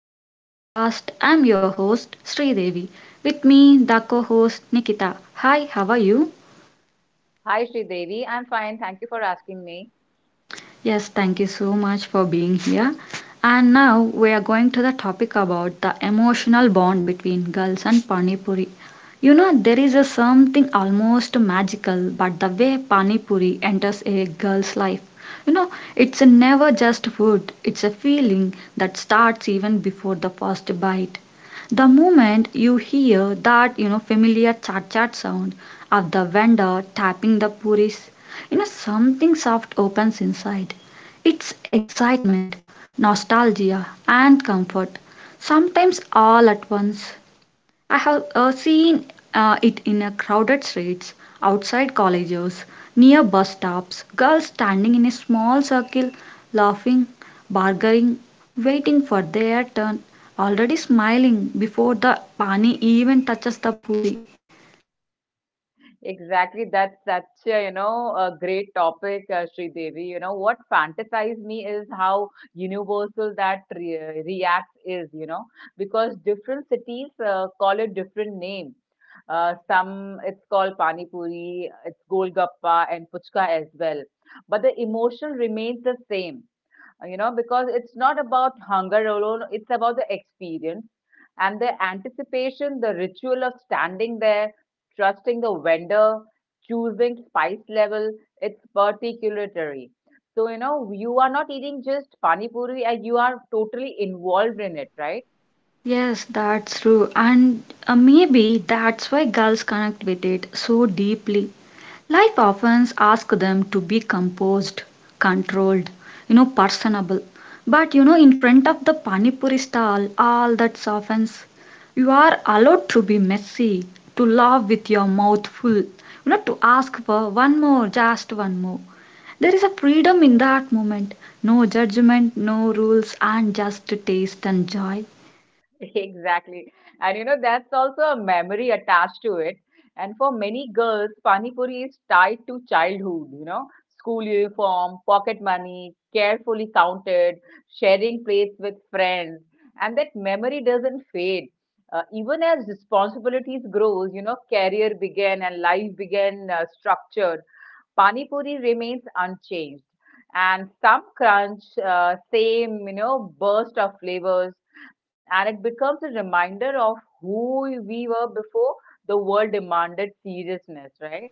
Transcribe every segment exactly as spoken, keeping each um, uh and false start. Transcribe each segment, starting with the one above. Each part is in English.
back to the podcast. I'm your host Sridevi. With me, the co-host Nikita. Hi, how are you? Hi, Sridevi. I'm fine. Thank you for asking me. Yes, thank you so much for being here. And now we are going to the topic about the emotional bond between girls and Pani Puri. You know, there is a something almost magical, but the way Pani Puri enters a girl's life, you know, it's a never just food, it's a feeling that starts even before the first bite. The moment you hear that, you know, familiar chat chat sound of the vendor tapping the puris, you know, something soft opens inside. It's excitement, nostalgia, and comfort, sometimes all at once. I have uh, seen uh, it in a crowded streets, outside colleges, near bus stops, girls standing in a small circle, laughing, bargaining, waiting for their turn, already smiling before the pani even touches the puri. Exactly, that's such a, you know, a great topic, uh, Sridevi. You know, what fantasize me is how universal that re React is, you know, because different cities uh, call it different names. Uh, some it's called Pani Puri, it's Golgappa and Puchka as well. But the emotion remains the same. Uh, you know, because it's not about hunger alone, it's about the experience and the anticipation, the ritual of standing there, trusting the vendor, choosing spice level, it's particulatory. So, you know, you are not eating just pani puri and you are totally involved in it, right? Yes, that's true. And uh, maybe that's why girls connect with it so deeply. Life often asks them to be composed, controlled, you know, personable. But you know, in front of the panipuri stall, all that softens. You are allowed to be messy, to laugh with your mouth full, you know, to ask for one more, just one more. There is a freedom in that moment. No judgment, no rules, and just taste and joy. Exactly. And you know, that's also a memory attached to it. And for many girls, Pani Puri is tied to childhood, you know, school uniform, pocket money, carefully counted, sharing plates with friends. And that memory doesn't fade. Uh, even as responsibilities grows, you know, career began and life began uh, structured, Pani Puri remains unchanged. And some crunch, uh, same, you know, burst of flavors and it becomes a reminder of who we were before the world demanded seriousness, right?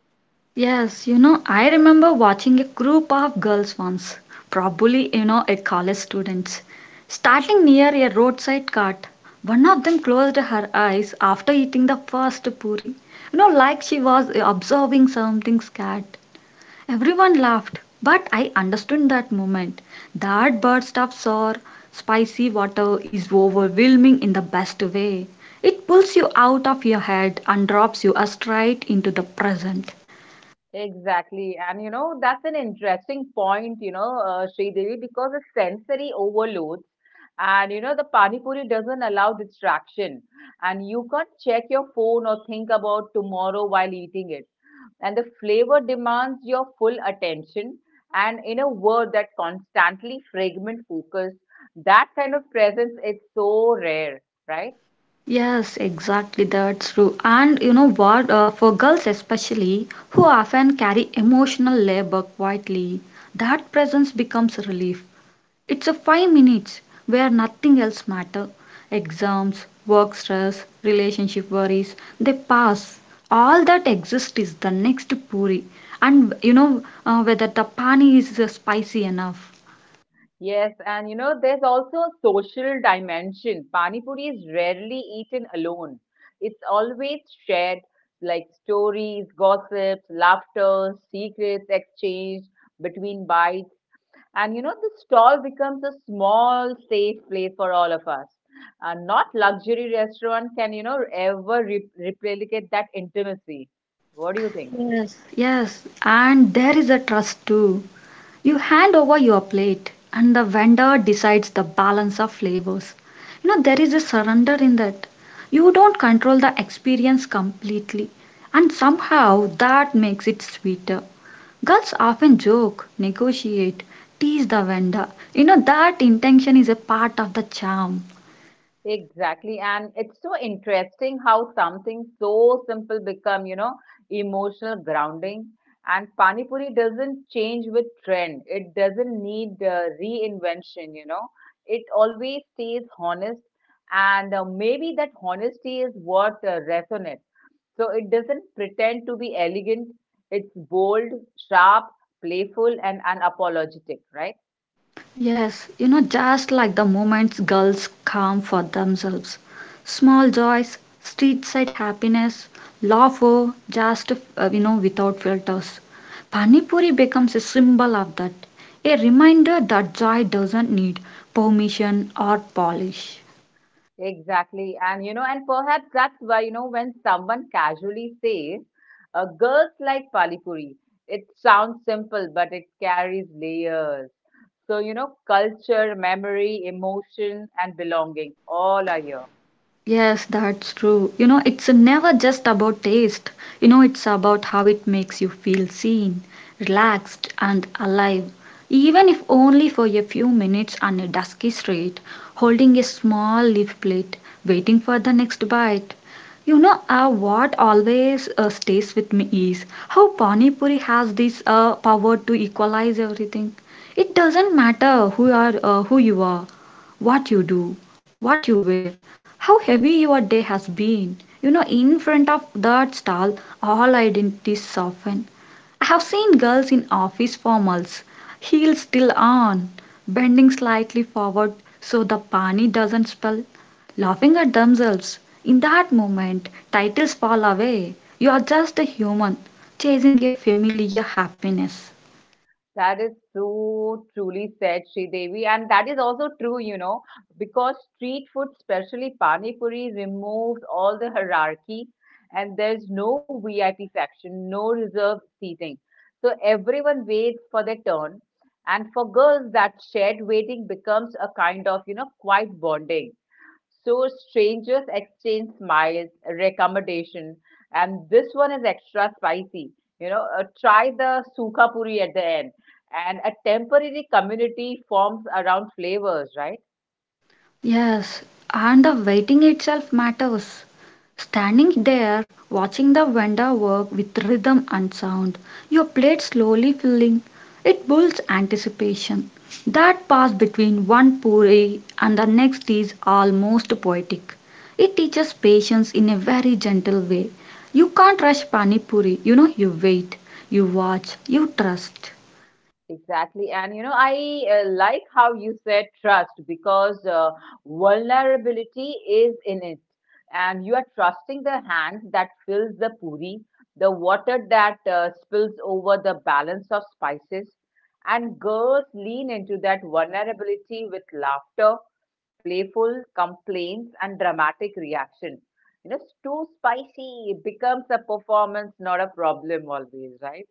Yes, you know, I remember watching a group of girls once, probably, you know, a college students, starting near a roadside cart. One of them closed her eyes after eating the first puri, you know, like she was observing something scared. Everyone laughed, but I understood that moment. That burst of sour, spicy water is overwhelming in the best way. It pulls you out of your head and drops you straight into the present. Exactly. And you know, that's an interesting point, you know, uh, Devi, because it's sensory overloads. And you know, the Pani Puri doesn't allow distraction. And you can't check your phone or think about tomorrow while eating it. And the flavor demands your full attention, and in a world that constantly fragment focus, that kind of presence is so rare, right? Yes, exactly. That's true. And you know what? Uh, for girls, especially, who often carry emotional labor quietly, that presence becomes relief. It's a five minutes where nothing else matters. Exams, work stress, relationship worries, they pass. All that exists is the next puri. And you know uh, whether the pani is uh, spicy enough. Yes, and you know, there's also a social dimension. Pani puri is rarely eaten alone, it's always shared, like stories, gossips, laughter, secrets exchanged between bites. And you know, the stall becomes a small, safe place for all of us. Uh, not luxury restaurant can, you know, ever re- replicate that intimacy. What do you think? Yes, and there is a trust too. You hand over your plate and the vendor decides the balance of flavors. You know, there is a surrender in that. You don't control the experience completely, and somehow that makes it sweeter. Girls often joke, negotiate, tease the vendor. You know, that intention is a part of the charm. Exactly. And it's so interesting how something so simple become, you know, emotional grounding. And Pani Puri doesn't change with trend. It doesn't need uh, reinvention, you know. It always stays honest. And uh, maybe that honesty is what uh, resonates. So it doesn't pretend to be elegant. It's bold, sharp, playful, and unapologetic, right? Yes, you know, just like the moments girls calm for themselves. Small joys, street side happiness, laughter, just, uh, you know, without filters. Panipuri becomes a symbol of that, a reminder that joy doesn't need permission or polish. Exactly. And, you know, and perhaps that's why, you know, when someone casually says, uh, girls like Palipuri, it sounds simple, but it carries layers. So, you know, culture, memory, emotion, and belonging all are here. Yes, that's Hmm. true. You know, it's never just about taste. You know, it's about how it makes you feel seen, relaxed, and alive. Even if only for a few minutes on a dusky street, holding a small leaf plate, waiting for the next bite. You know, uh, what always uh, stays with me is how Pani Puri has this uh, power to equalize everything. It doesn't matter who are uh, who you are, what you do, what you wear, how heavy your day has been. You know, in front of that stall, all identities soften. I have seen girls in office formals, heels still on, bending slightly forward so the pani doesn't spill, laughing at themselves. In that moment, titles fall away. You are just a human chasing a familiar happiness. That is so truly said, Devi. And that is also true, you know, because street food, especially Pani Puri, removes all the hierarchy, and there's no V I P section, no reserved seating. So everyone waits for their turn. And for girls, that shared waiting becomes a kind of, you know, quiet bonding. So strangers exchange smiles, recommendation, and this one is extra spicy. You know, uh, try the sukha puri at the end, and a temporary community forms around flavors, right? Yes, and the waiting itself matters. Standing there, watching the vendor work with rhythm and sound, your plate slowly filling, it builds anticipation. That pass between one puri and the next is almost poetic. It teaches patience in a very gentle way. You can't rush pani puri, you know, you wait, you watch, you trust. Exactly. And you know, I uh, like how you said trust, because uh, vulnerability is in it. And you are trusting the hand that fills the puri, the water that uh, spills over the balance of spices. And girls lean into that vulnerability with laughter, playful complaints, and dramatic reaction. You know, it's too spicy. It becomes a performance, not a problem always, right?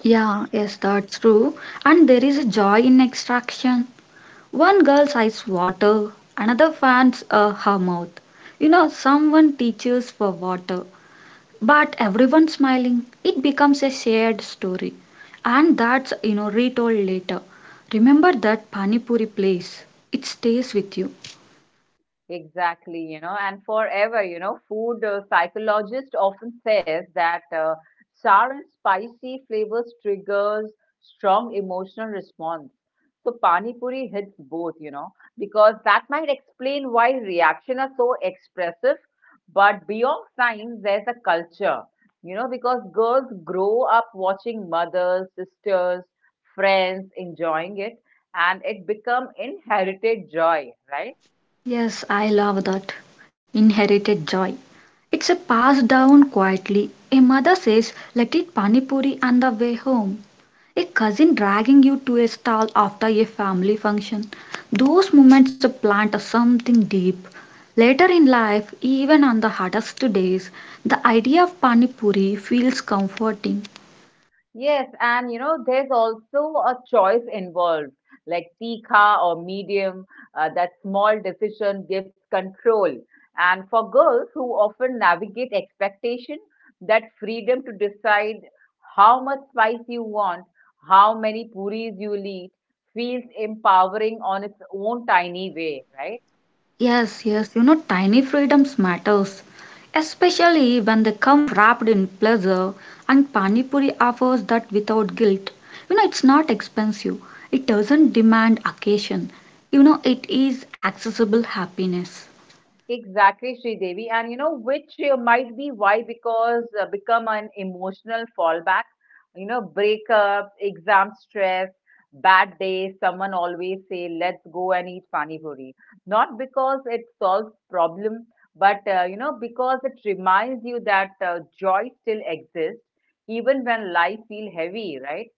Yeah, yes, that's true. And there is a joy in extraction. One girl's eyes water, another fans uh, her mouth. You know, someone teaches for water, but everyone smiling. It becomes a shared story, and that's, you know, retold later. Remember that pani puri place? It stays with you. Exactly, you know, and forever, you know, food uh, psychologist often says that uh, sour and spicy flavors triggers strong emotional response. So pani puri hits both, you know, because that might explain why reaction are so expressive. But beyond science, there's a culture, you know, because girls grow up watching mothers, sisters, friends enjoying it, and it become inherited joy, right? Yes, I love that. Inherited joy. It's a passed down quietly. A mother says, "Let it pani puri on the way home." A cousin dragging you to a stall after a family function. Those moments plant something deep. Later in life, even on the hardest days, the idea of pani puri feels comforting. Yes, and you know, there's also a choice involved, like tikha or medium. Uh, that small decision gives control. And for girls who often navigate expectation, that freedom to decide how much spice you want, how many puris you'll eat, feels empowering on its own tiny way, right? Yes, yes, you know, tiny freedoms matters, especially when they come wrapped in pleasure and Pani Puri offers that without guilt. You know, it's not expensive. It doesn't demand occasion. You know, it is accessible happiness. Exactly, Sridevi. And you know, which uh, might be why, because uh, become an emotional fallback, you know, breakup, exam stress, bad day, someone always say, let's go and eat pani puri. Not because it solves problem, but uh, you know, because it reminds you that uh, joy still exists, even when life feel heavy, right?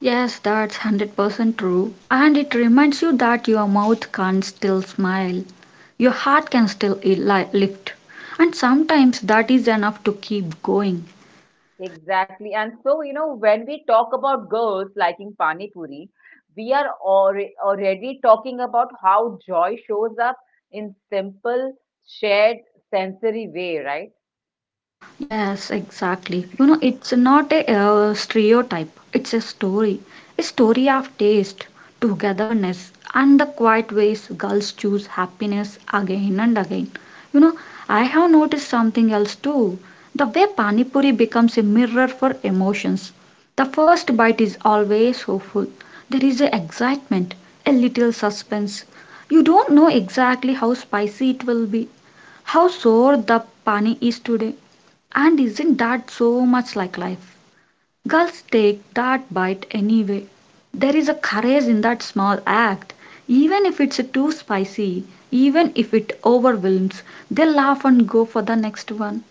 Yes, that's one hundred percent true. And it reminds you that your mouth can still smile. Your heart can still li- lift. And sometimes that is enough to keep going. Exactly. And so, you know, when we talk about girls liking Pani Puri, we are alre- already talking about how joy shows up in simple, shared sensory way, right? Yes, exactly. You know, it's not a uh, stereotype, it's a story. A story of taste, togetherness, and the quiet ways girls choose happiness again and again. You know, I have noticed something else too. The way Pani Puri becomes a mirror for emotions. The first bite is always hopeful. There is a excitement, a little suspense. You don't know exactly how spicy it will be, how sore the pani is today, and isn't that so much like life? Girls take that bite anyway. There is a courage in that small act. Even if it's too spicy, even if it overwhelms, they laugh and go for the next one.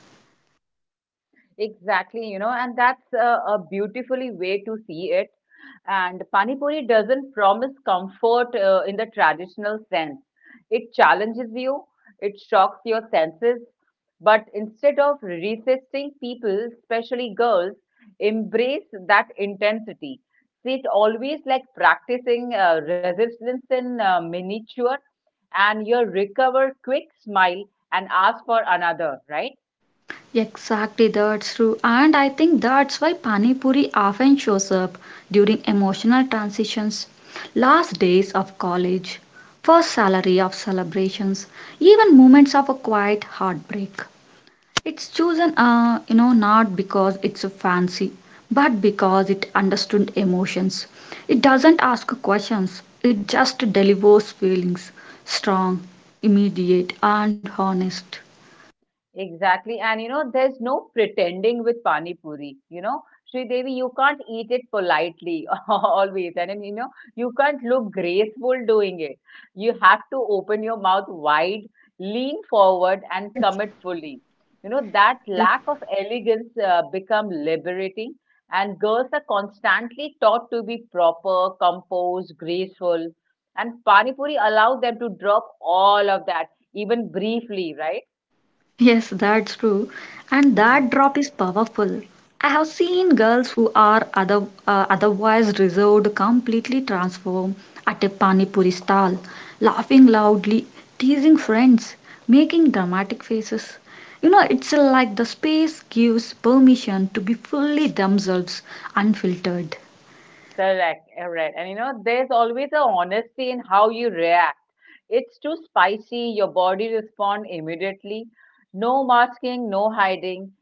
Exactly, you know, and that's a, a beautifully way to see it. And Pani Puri doesn't promise comfort uh, in the traditional sense. It challenges you, it shocks your senses, but instead of resisting people, especially girls, embrace that intensity. See it always like practicing uh, resistance in uh, miniature, and you recover quick smile and ask for another, right? Exactly, that's true. And I think that's why Pani Puri often shows up during emotional transitions, last days of college, first salary of celebrations, even moments of a quiet heartbreak. It's chosen, uh, you know, not because it's a fancy, but because it understood emotions. It doesn't ask questions, it just delivers feelings strong, immediate, and honest. Exactly. And you know, there's no pretending with Pani Puri. You know, Sri Devi, you can't eat it politely always. And then, you know, you can't look graceful doing it. You have to open your mouth wide, lean forward, and commit fully. You know, that lack of elegance uh, become liberating. And girls are constantly taught to be proper, composed, graceful. And Pani Puri allow them to drop all of that, even briefly, right? Yes, that's true. And Mhm. that drop is powerful. I have seen girls who are other, uh, otherwise reserved, completely transform at a pani puri stall, laughing loudly, teasing friends, making dramatic faces. You know, it's like the space gives permission to be fully themselves, unfiltered. Correct, correct. And you know, there's always a honesty in how you react. It's too spicy, your body responds immediately. No masking, no hiding.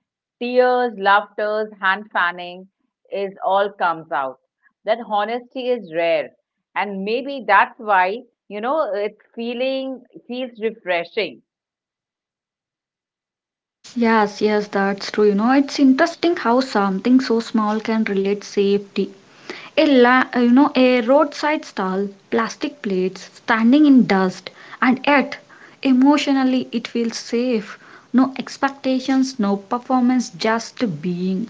Tears, laughters, hand fanning is all comes out. That honesty is rare. And maybe that's why, you know, it's feeling feels refreshing. Yes, yes, that's true. You know, it's interesting how something so small can relate safety. A la, uh, you know, a roadside stall, plastic plates, standing in dust, and yet emotionally it feels safe. No expectations, no performance, just being.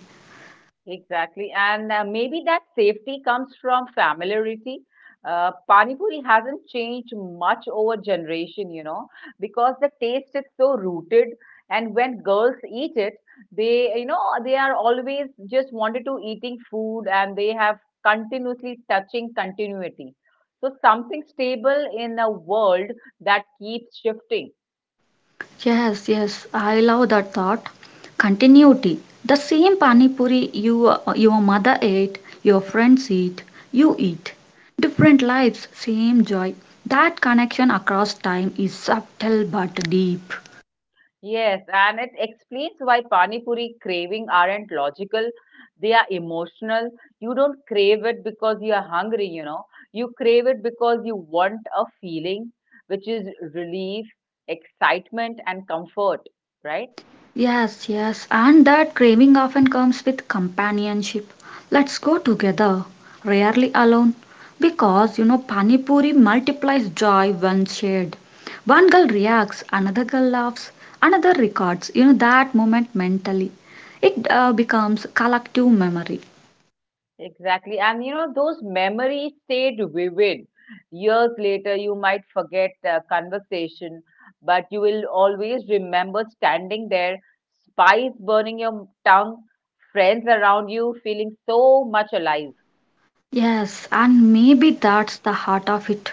Exactly. And uh, maybe that safety comes from familiarity. Uh, Pani Puri hasn't changed much over generation, you know, because the taste is so rooted. And when girls eat it, they, you know, they are always just wanted to eating food and they have continuously touching continuity. So something stable in a world that keeps shifting. Yes, yes, I love that thought. Continuity. The same pani puri you, uh, your mother ate, your friends eat, you eat. Different lives, same joy. That connection across time is subtle but deep. Yes, and it explains why pani puri craving aren't logical. They are emotional. You don't crave it because you are hungry, you know. You crave it because you want a feeling, which is relief, excitement, and comfort, right? Yes, yes, and that craving often comes with companionship. Let's go together, rarely alone, because you know pani puri multiplies joy when shared. One girl reacts, another girl laughs, another records. You know that moment mentally, it uh, becomes collective memory. Exactly. And you know, those memories stayed vivid. Years later, you might forget the conversation, but you will always remember standing there, spice burning your tongue, friends around you feeling so much alive. Yes, and maybe that's the heart of it.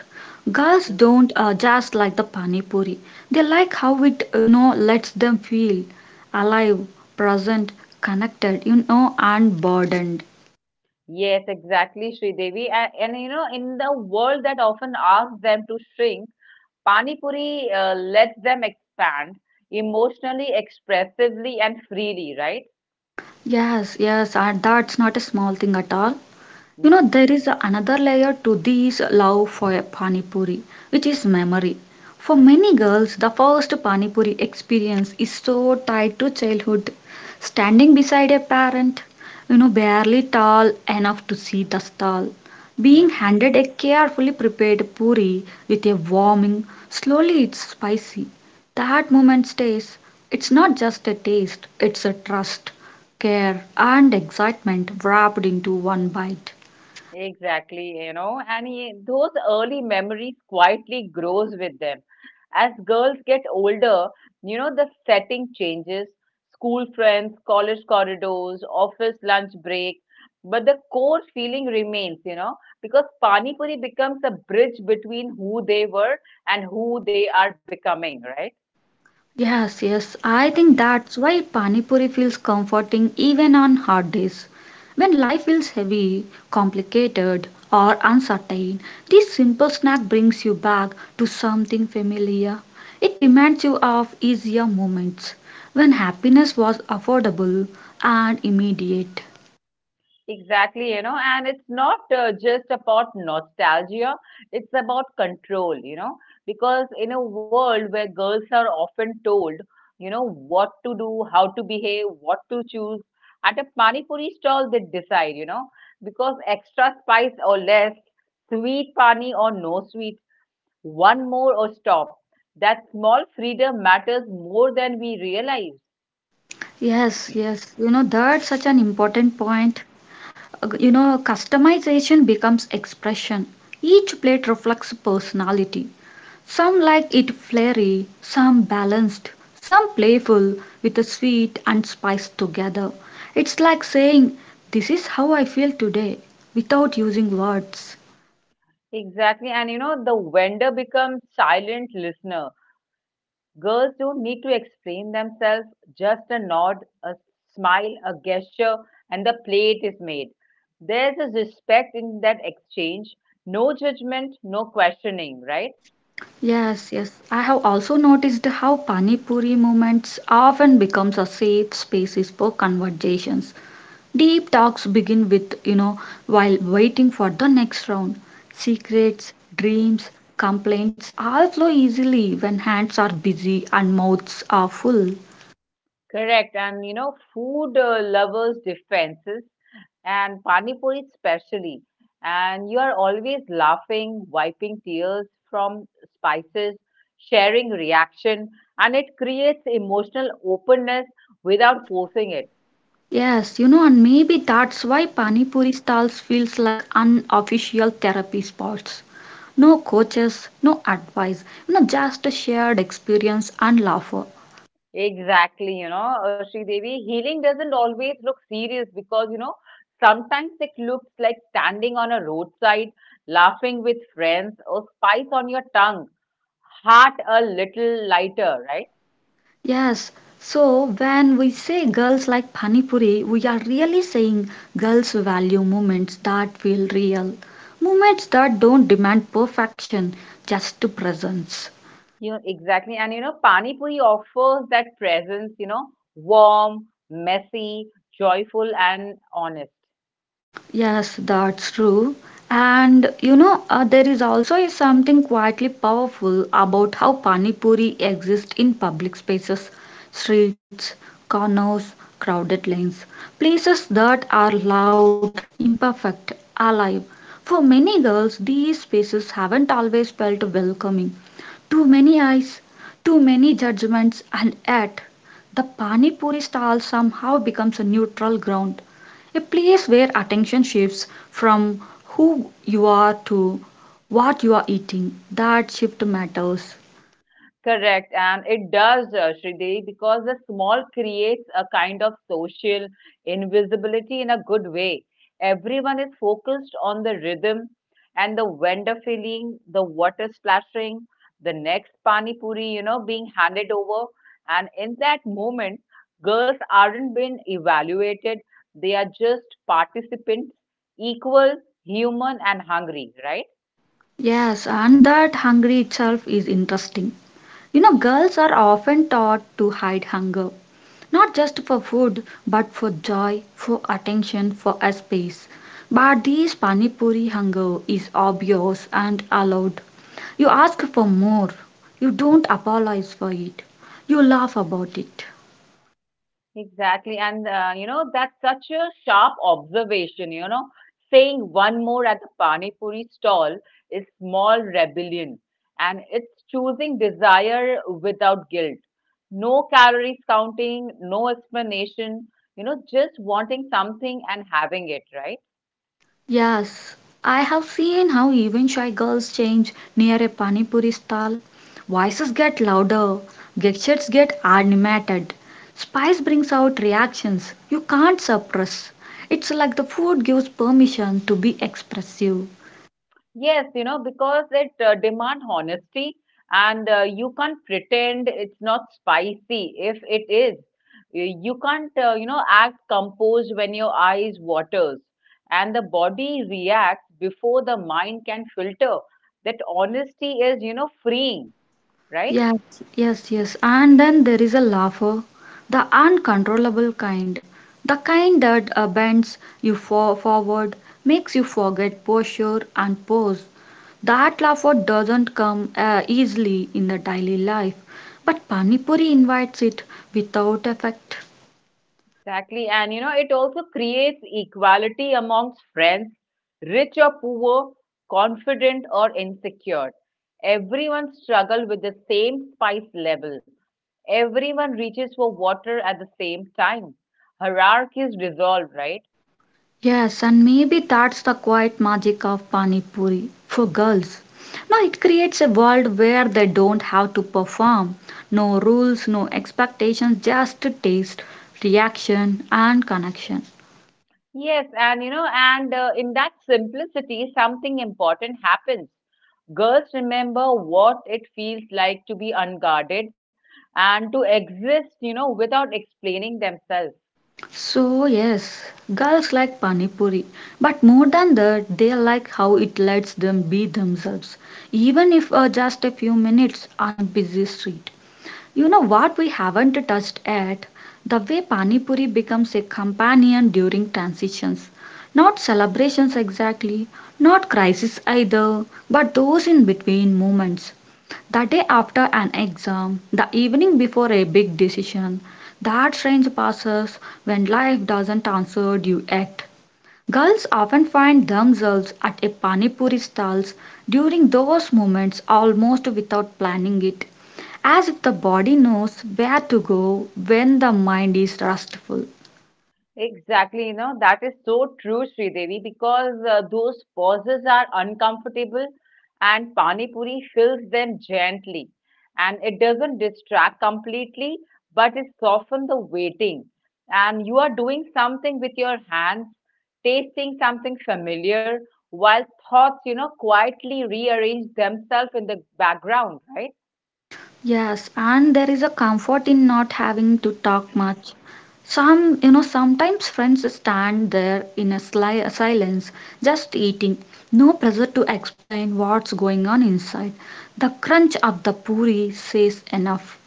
Girls Mhm. don't uh, just like the pani puri. They like how it, you know, lets them feel alive, present, connected, you know, and burdened. Yes, exactly, Sridevi. And, and you know, in the world that often asks them to shrink, Pani Puri uh, lets them expand emotionally, expressively, and freely, right? Yes, yes, and that's not a small thing at all. You know, Hmm. there is another layer to this love for Pani Puri, which is memory. For many girls, the first Pani Puri experience is so tied to childhood. Standing beside a parent, you know, barely tall enough to see the stall, being handed a carefully prepared puri with a warming, slowly it's spicy. That moment stays. It's not just a taste, it's a trust, care, and excitement wrapped into one bite. Exactly, you know, and ye- those early memories quietly grows with them. As girls get older, you know, the setting changes, school friends, college corridors, office lunch break, but the core feeling remains, you know, because Pani Puri becomes a bridge between who they were and who they are becoming, right? Yes, yes. I think that's why Pani Puri feels comforting even on hard days. When life feels heavy, complicated, or uncertain, this simple snack brings you back to something familiar. It reminds you of easier moments when happiness was affordable and immediate. Exactly, you know, and it's not uh, just about nostalgia, it's about control, you know, because in a world where girls are often told, you know, what to do, how to behave, what to choose, at a pani puri stall they decide, you know, because extra spice or less, sweet pani or no sweet, one more or stop. That small freedom matters more than we realize. Yes, yes. You know, that's such an important point. Uh, You know, customization becomes expression. Each plate reflects personality. Some like it flirty, some balanced, some playful, with a sweet and spice together. It's like saying, "This is how I feel today," without using words. Exactly, and you know, the vendor becomes silent listener. Girls don't need to explain themselves, just a nod, a smile, a gesture, and the plate is made. There's a respect in that exchange, no judgment, no questioning, right? Yes, yes. I have also noticed how Pani Puri moments often becomes a safe spaces for conversations. Deep talks begin with, you know, while waiting for the next round. Secrets, dreams, complaints all flow easily when hands are busy and mouths are full. Correct. And you know, food uh, lovers' defenses and pani puri especially. And you are always laughing, wiping tears from spices, sharing reaction, and it creates emotional openness without forcing it. Yes, you know, and maybe that's why Pani Puri stalls feels like unofficial therapy spots. No coaches, no advice, you know, just a shared experience and laughter. Exactly, you know, uh, Devi. Healing doesn't always look serious because, you know, sometimes it looks like standing on a roadside, laughing with friends, or spice on your tongue, heart a little lighter, right? Yes, so when we say girls like Pani Puri, we are really saying girls value moments that feel real, moments that don't demand perfection, just presence. You know, exactly. And, you know, Pani Puri offers that presence, you know, warm, messy, joyful, and honest. Yes, that's true. And you know, uh, there is also is something quietly powerful about how Pani Puri exists in public spaces, streets, corners, crowded lanes, places that are loud, imperfect, alive. For many girls, these spaces haven't always felt welcoming. Too many eyes, too many judgments, and yet the Pani Puri stall somehow becomes a neutral ground, a place where attention shifts from who you are to what you are eating. That shift matters. Correct, and it does, uh, Sridevi, because the small creates a kind of social invisibility in a good way. Everyone is focused on the rhythm and the vendor filling, the water splashing, the next pani puri, you know, being handed over. And in that moment, girls aren't being evaluated; they are just participants, equal, human, and hungry, right? Yes, and that hunger itself is interesting. You know, girls are often taught to hide hunger, not just for food but for joy, for attention, for a space. But this panipuri hunger is obvious and allowed. You ask for more, you don't apologize for it, you laugh about it. Exactly. And, uh, you know, that's such a sharp observation, you know. Saying one more at the Pani Puri stall is small rebellion. And it's choosing desire without guilt. No calories counting, no explanation, you know, just wanting something and having it, right? Yes, I have seen how even shy girls change near a pani puri stall. Voices get louder, gestures get animated. Spice brings out reactions you can't suppress. It's like the food gives permission to be expressive. Yes, you know, because it uh, demand honesty, and uh, you can't pretend it's not spicy if it is. Y- You can't, uh, you know, act composed when your eyes waters and the body reacts before the mind can filter. That honesty is, you know, freeing, right? Yes, yes, yes. And then there is a laugher, the uncontrollable kind, the kind that uh, bends you for forward, makes you forget posture and pose. That laughter doesn't come uh, easily in the daily life, but Panipuri invites it without effect. Exactly. And you know, it also creates equality amongst friends, rich or poor, confident or insecure. Everyone struggles with the same spice level. Everyone reaches for water at the same time. Hierarchy is dissolved, right? Yes, and maybe that's the quiet magic of Panipuri for girls. Now it creates a world where they don't have to perform. No rules, no expectations, just taste, reaction, and connection. Yes, and you know, and uh, in that simplicity, something important happens. Girls remember what it feels like to be unguarded and to exist, you know, without explaining themselves. So, yes, girls like Pani Puri, but more than that, they like how it lets them be themselves, even if uh, just a few minutes on a busy street. You know what we haven't touched at? The way Pani Puri becomes a companion during transitions. Not celebrations exactly, not crises either, but those in between moments the day after an exam, the evening before a big decision, that strange passes when life doesn't answer due act. Girls often find themselves at a panipuri stalls during those moments almost without planning it, as if the body knows where to go when the mind is restful. Exactly, you know, that is so true, Sridevi, because uh, those pauses are uncomfortable and Pani Puri fills them gently. And it doesn't distract completely, but it softens the waiting. And you are doing something with your hands, tasting something familiar, while thoughts, you know, quietly rearrange themselves in the background, right? Yes, and there is a comfort in not having to talk much. Some, you know, sometimes friends stand there in a sly silence, just eating. No pressure to explain what's going on inside. The crunch of the puri says enough.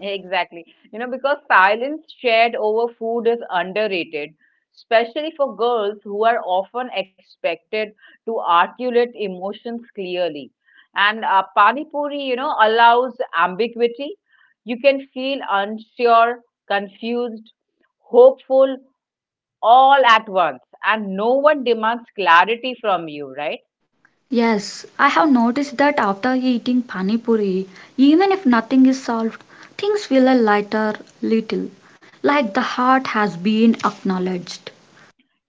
Exactly. You know, because silence shared over food is underrated, especially for girls who are often expected to articulate emotions clearly. And uh, Pani Puri, you know, allows ambiguity. You can feel unsure, confused, hopeful all at once, and no one demands clarity from you, right? Yes, I have noticed that after eating pani puri, even if nothing is solved, things feel a lighter little, like the heart has been acknowledged.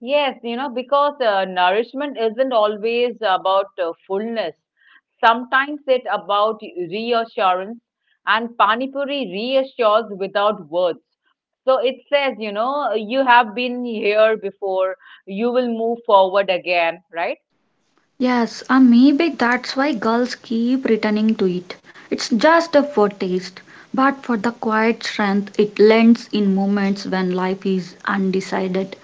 Yes, you know, because uh, nourishment isn't always about uh, fullness. Sometimes it's about reassurance, and Panipuri reassures without words. So it says, you know, you have been here before, you will move forward again, right? Yes, and maybe that's why girls keep returning to it. It's just a foretaste, but for the quiet strength it lends in moments when life is undecided.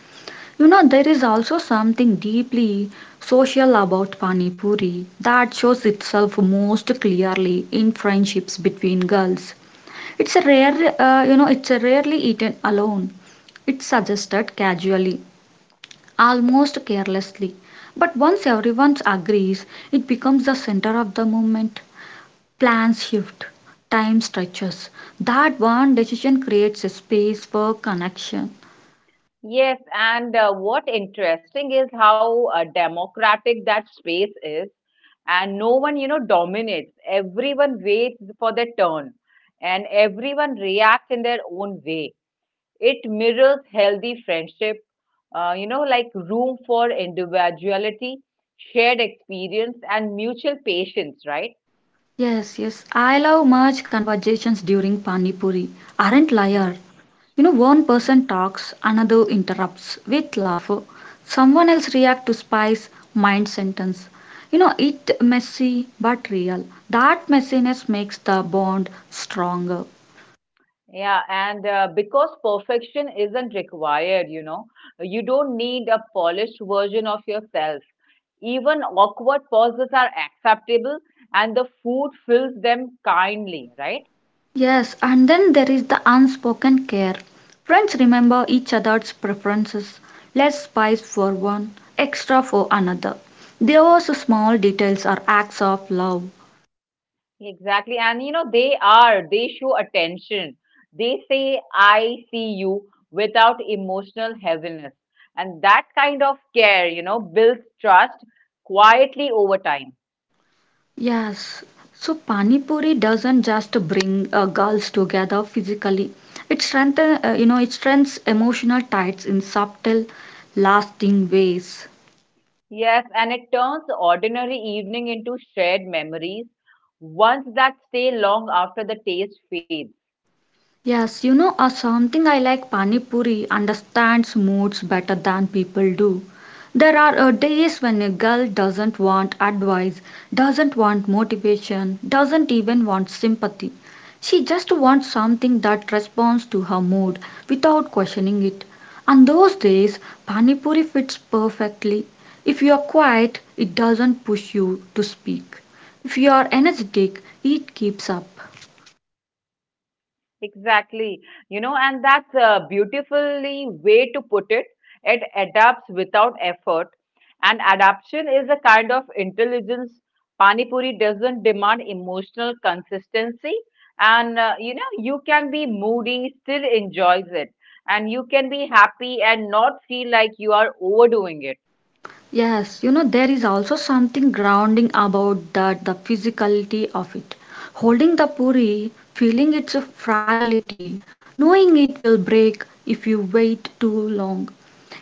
You know, there is also something deeply social about Pani Puri that shows itself most clearly in friendships between girls. It's a rare, uh, you know, it's a rarely eaten alone. It's suggested casually almost carelessly. But once everyone agrees, it becomes the center of the movement. Plans shift, time stretches. That one decision creates a space for connection. Yes, and uh, what interesting is how uh, democratic that space is, and no one, you know, dominates. Everyone waits for their turn, and everyone reacts in their own way. It mirrors healthy friendship, uh, you know, like room for individuality, shared experience, and mutual patience, right? Yes, yes, I love merge conversations during Pani Puri. Aren't liar. You know, one person talks, another interrupts with laughter. Someone else reacts to spice mind sentence. You know, it messy but real. That messiness makes the bond stronger. Yeah, and uh, because perfection isn't required, you know, you don't need a polished version of yourself. Even awkward pauses are acceptable, and the food fills them kindly, right? Yes, and then there is the unspoken care. Friends remember each other's preferences, less spice for one, extra for another. Those small details are acts of love. Exactly. And you know, they are, they show attention. They say, I see you without emotional heaviness. And that kind of care, you know, builds trust quietly over time. Yes, so Pani Puri doesn't just bring uh, girls together physically. It strengthens, uh, you know, it strengthens emotional ties in subtle, lasting ways. Yes, and it turns ordinary evening into shared memories, ones that stay long after the taste fades. Yes, you know, uh, something I like Pani Puri understands moods better than people do. There are uh, days when a girl doesn't want advice, doesn't want motivation, doesn't even want sympathy. She just wants something that responds to her mood without questioning it. On those days, Pani Puri fits perfectly. If you are quiet, it doesn't push you to speak. If you are energetic, it keeps up. Exactly. You know, and that's a beautifully way to put it. It adapts without effort. And adaptation is a kind of intelligence. Pani Puri doesn't demand emotional consistency. And, uh, you know, you can be moody, still enjoys it. And you can be happy and not feel like you are overdoing it. Yes, you know, there is also something grounding about that the physicality of it. Holding the puri, feeling its fragility, knowing it will break if you wait too long.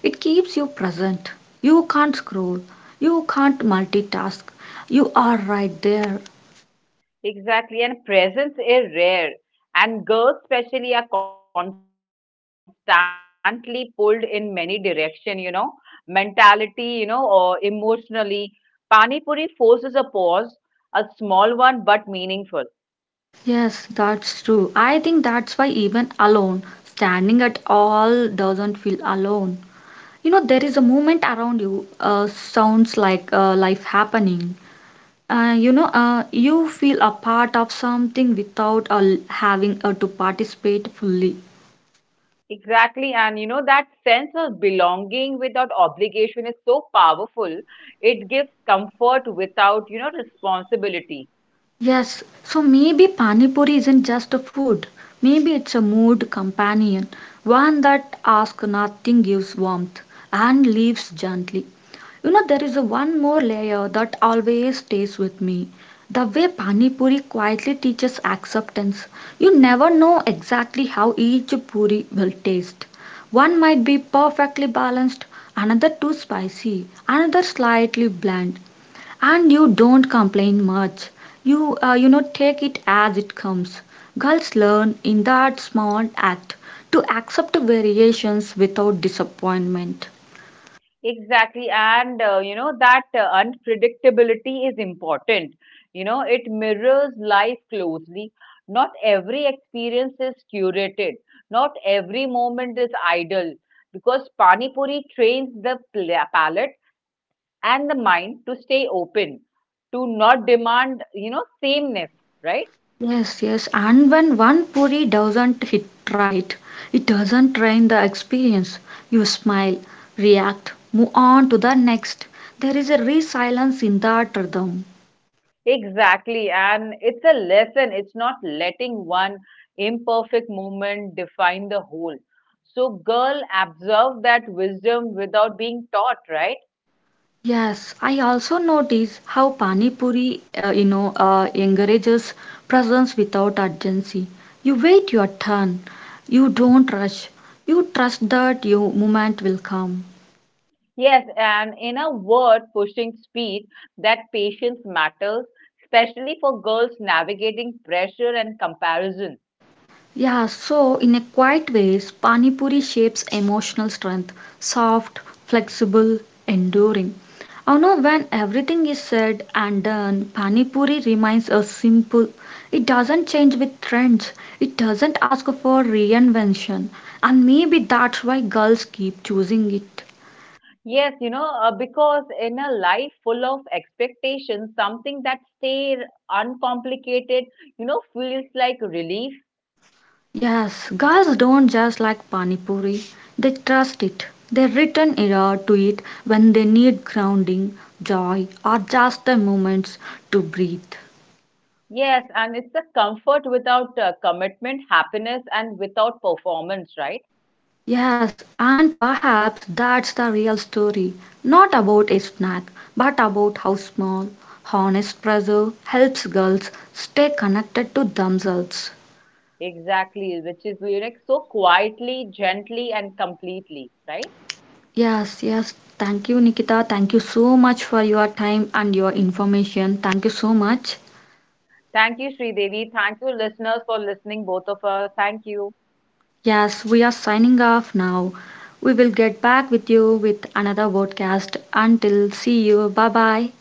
It keeps you present. You can't scroll, you can't multitask. You are right there. Exactly, and presents is rare. And girls, especially, are constantly pulled in many direction. You know, mentality. You know, or emotionally. Pani puri forces a pause, a small one but meaningful. Yes, that's true. I think that's why even alone, standing at all doesn't feel alone. You know, there is a movement around you, uh, sounds like uh, life happening. Uh, you know, uh, you feel a part of something without uh, having uh, to participate fully. Exactly, and you know that sense of belonging without obligation is so powerful. It gives comfort without you know responsibility. Yes, so maybe Pani Puri isn't just a food. Maybe it's a mood companion, one that asks nothing, gives warmth, and leaves gently. You know, there is a one more layer that always stays with me. The way Pani Puri quietly teaches acceptance. You never know exactly how each puri will taste. One might be perfectly balanced, another too spicy, another slightly bland. And you don't complain much. You, uh, you know, take it as it comes. Girls learn in that small act to accept variations without disappointment. Exactly. And, uh, you know, that uh, unpredictability is important. You know, it mirrors life closely. Not every experience is curated, not every moment is idle because Pani Puri trains the pla- palate and the mind to stay open, to not demand, you know, sameness, right? Yes, yes, and when one puri doesn't hit right, it doesn't drain the experience. You smile, react, move on to the next. There is a resilience in that rhythm. Exactly. And it's a lesson. It's not letting one imperfect moment define the whole. So, girl, absorb that wisdom without being taught, right? Yes, I also notice how Pani Puri, uh, you know, uh, encourages presence without urgency. You wait your turn. You don't rush. You trust that your moment will come. Yes. And in a word, pushing speed, that patience matters, especially for girls navigating pressure and comparison. Yeah, so in a quiet ways, Pani Puri shapes emotional strength, soft, flexible, enduring. I know when everything is said and done, Pani Puri remains a simple. It doesn't change with trends. It doesn't ask for reinvention. And maybe that's why girls keep choosing it. Yes, you know, uh, because in a life full of expectations, something that stays uncomplicated, you know, feels like relief. Yes, girls don't just like pani puri, they trust it. They return it uh, to it when they need grounding, joy, or just the moments to breathe. Yes, and it's a comfort without uh, commitment, happiness, and without performance, right? Yes, and perhaps that's the real story, not about a snack, but about how small, honest pressure helps girls stay connected to themselves. Exactly, which is lyric so quietly, gently, and completely, right? Yes, yes. Thank you, Nikita. Thank you so much for your time and your information. Thank you so much. Thank you, Sridevi. Thank you, listeners, for listening, both of us. Thank you. Yes, we are signing off now. We will get back with you with another podcast. Until see you. Bye bye.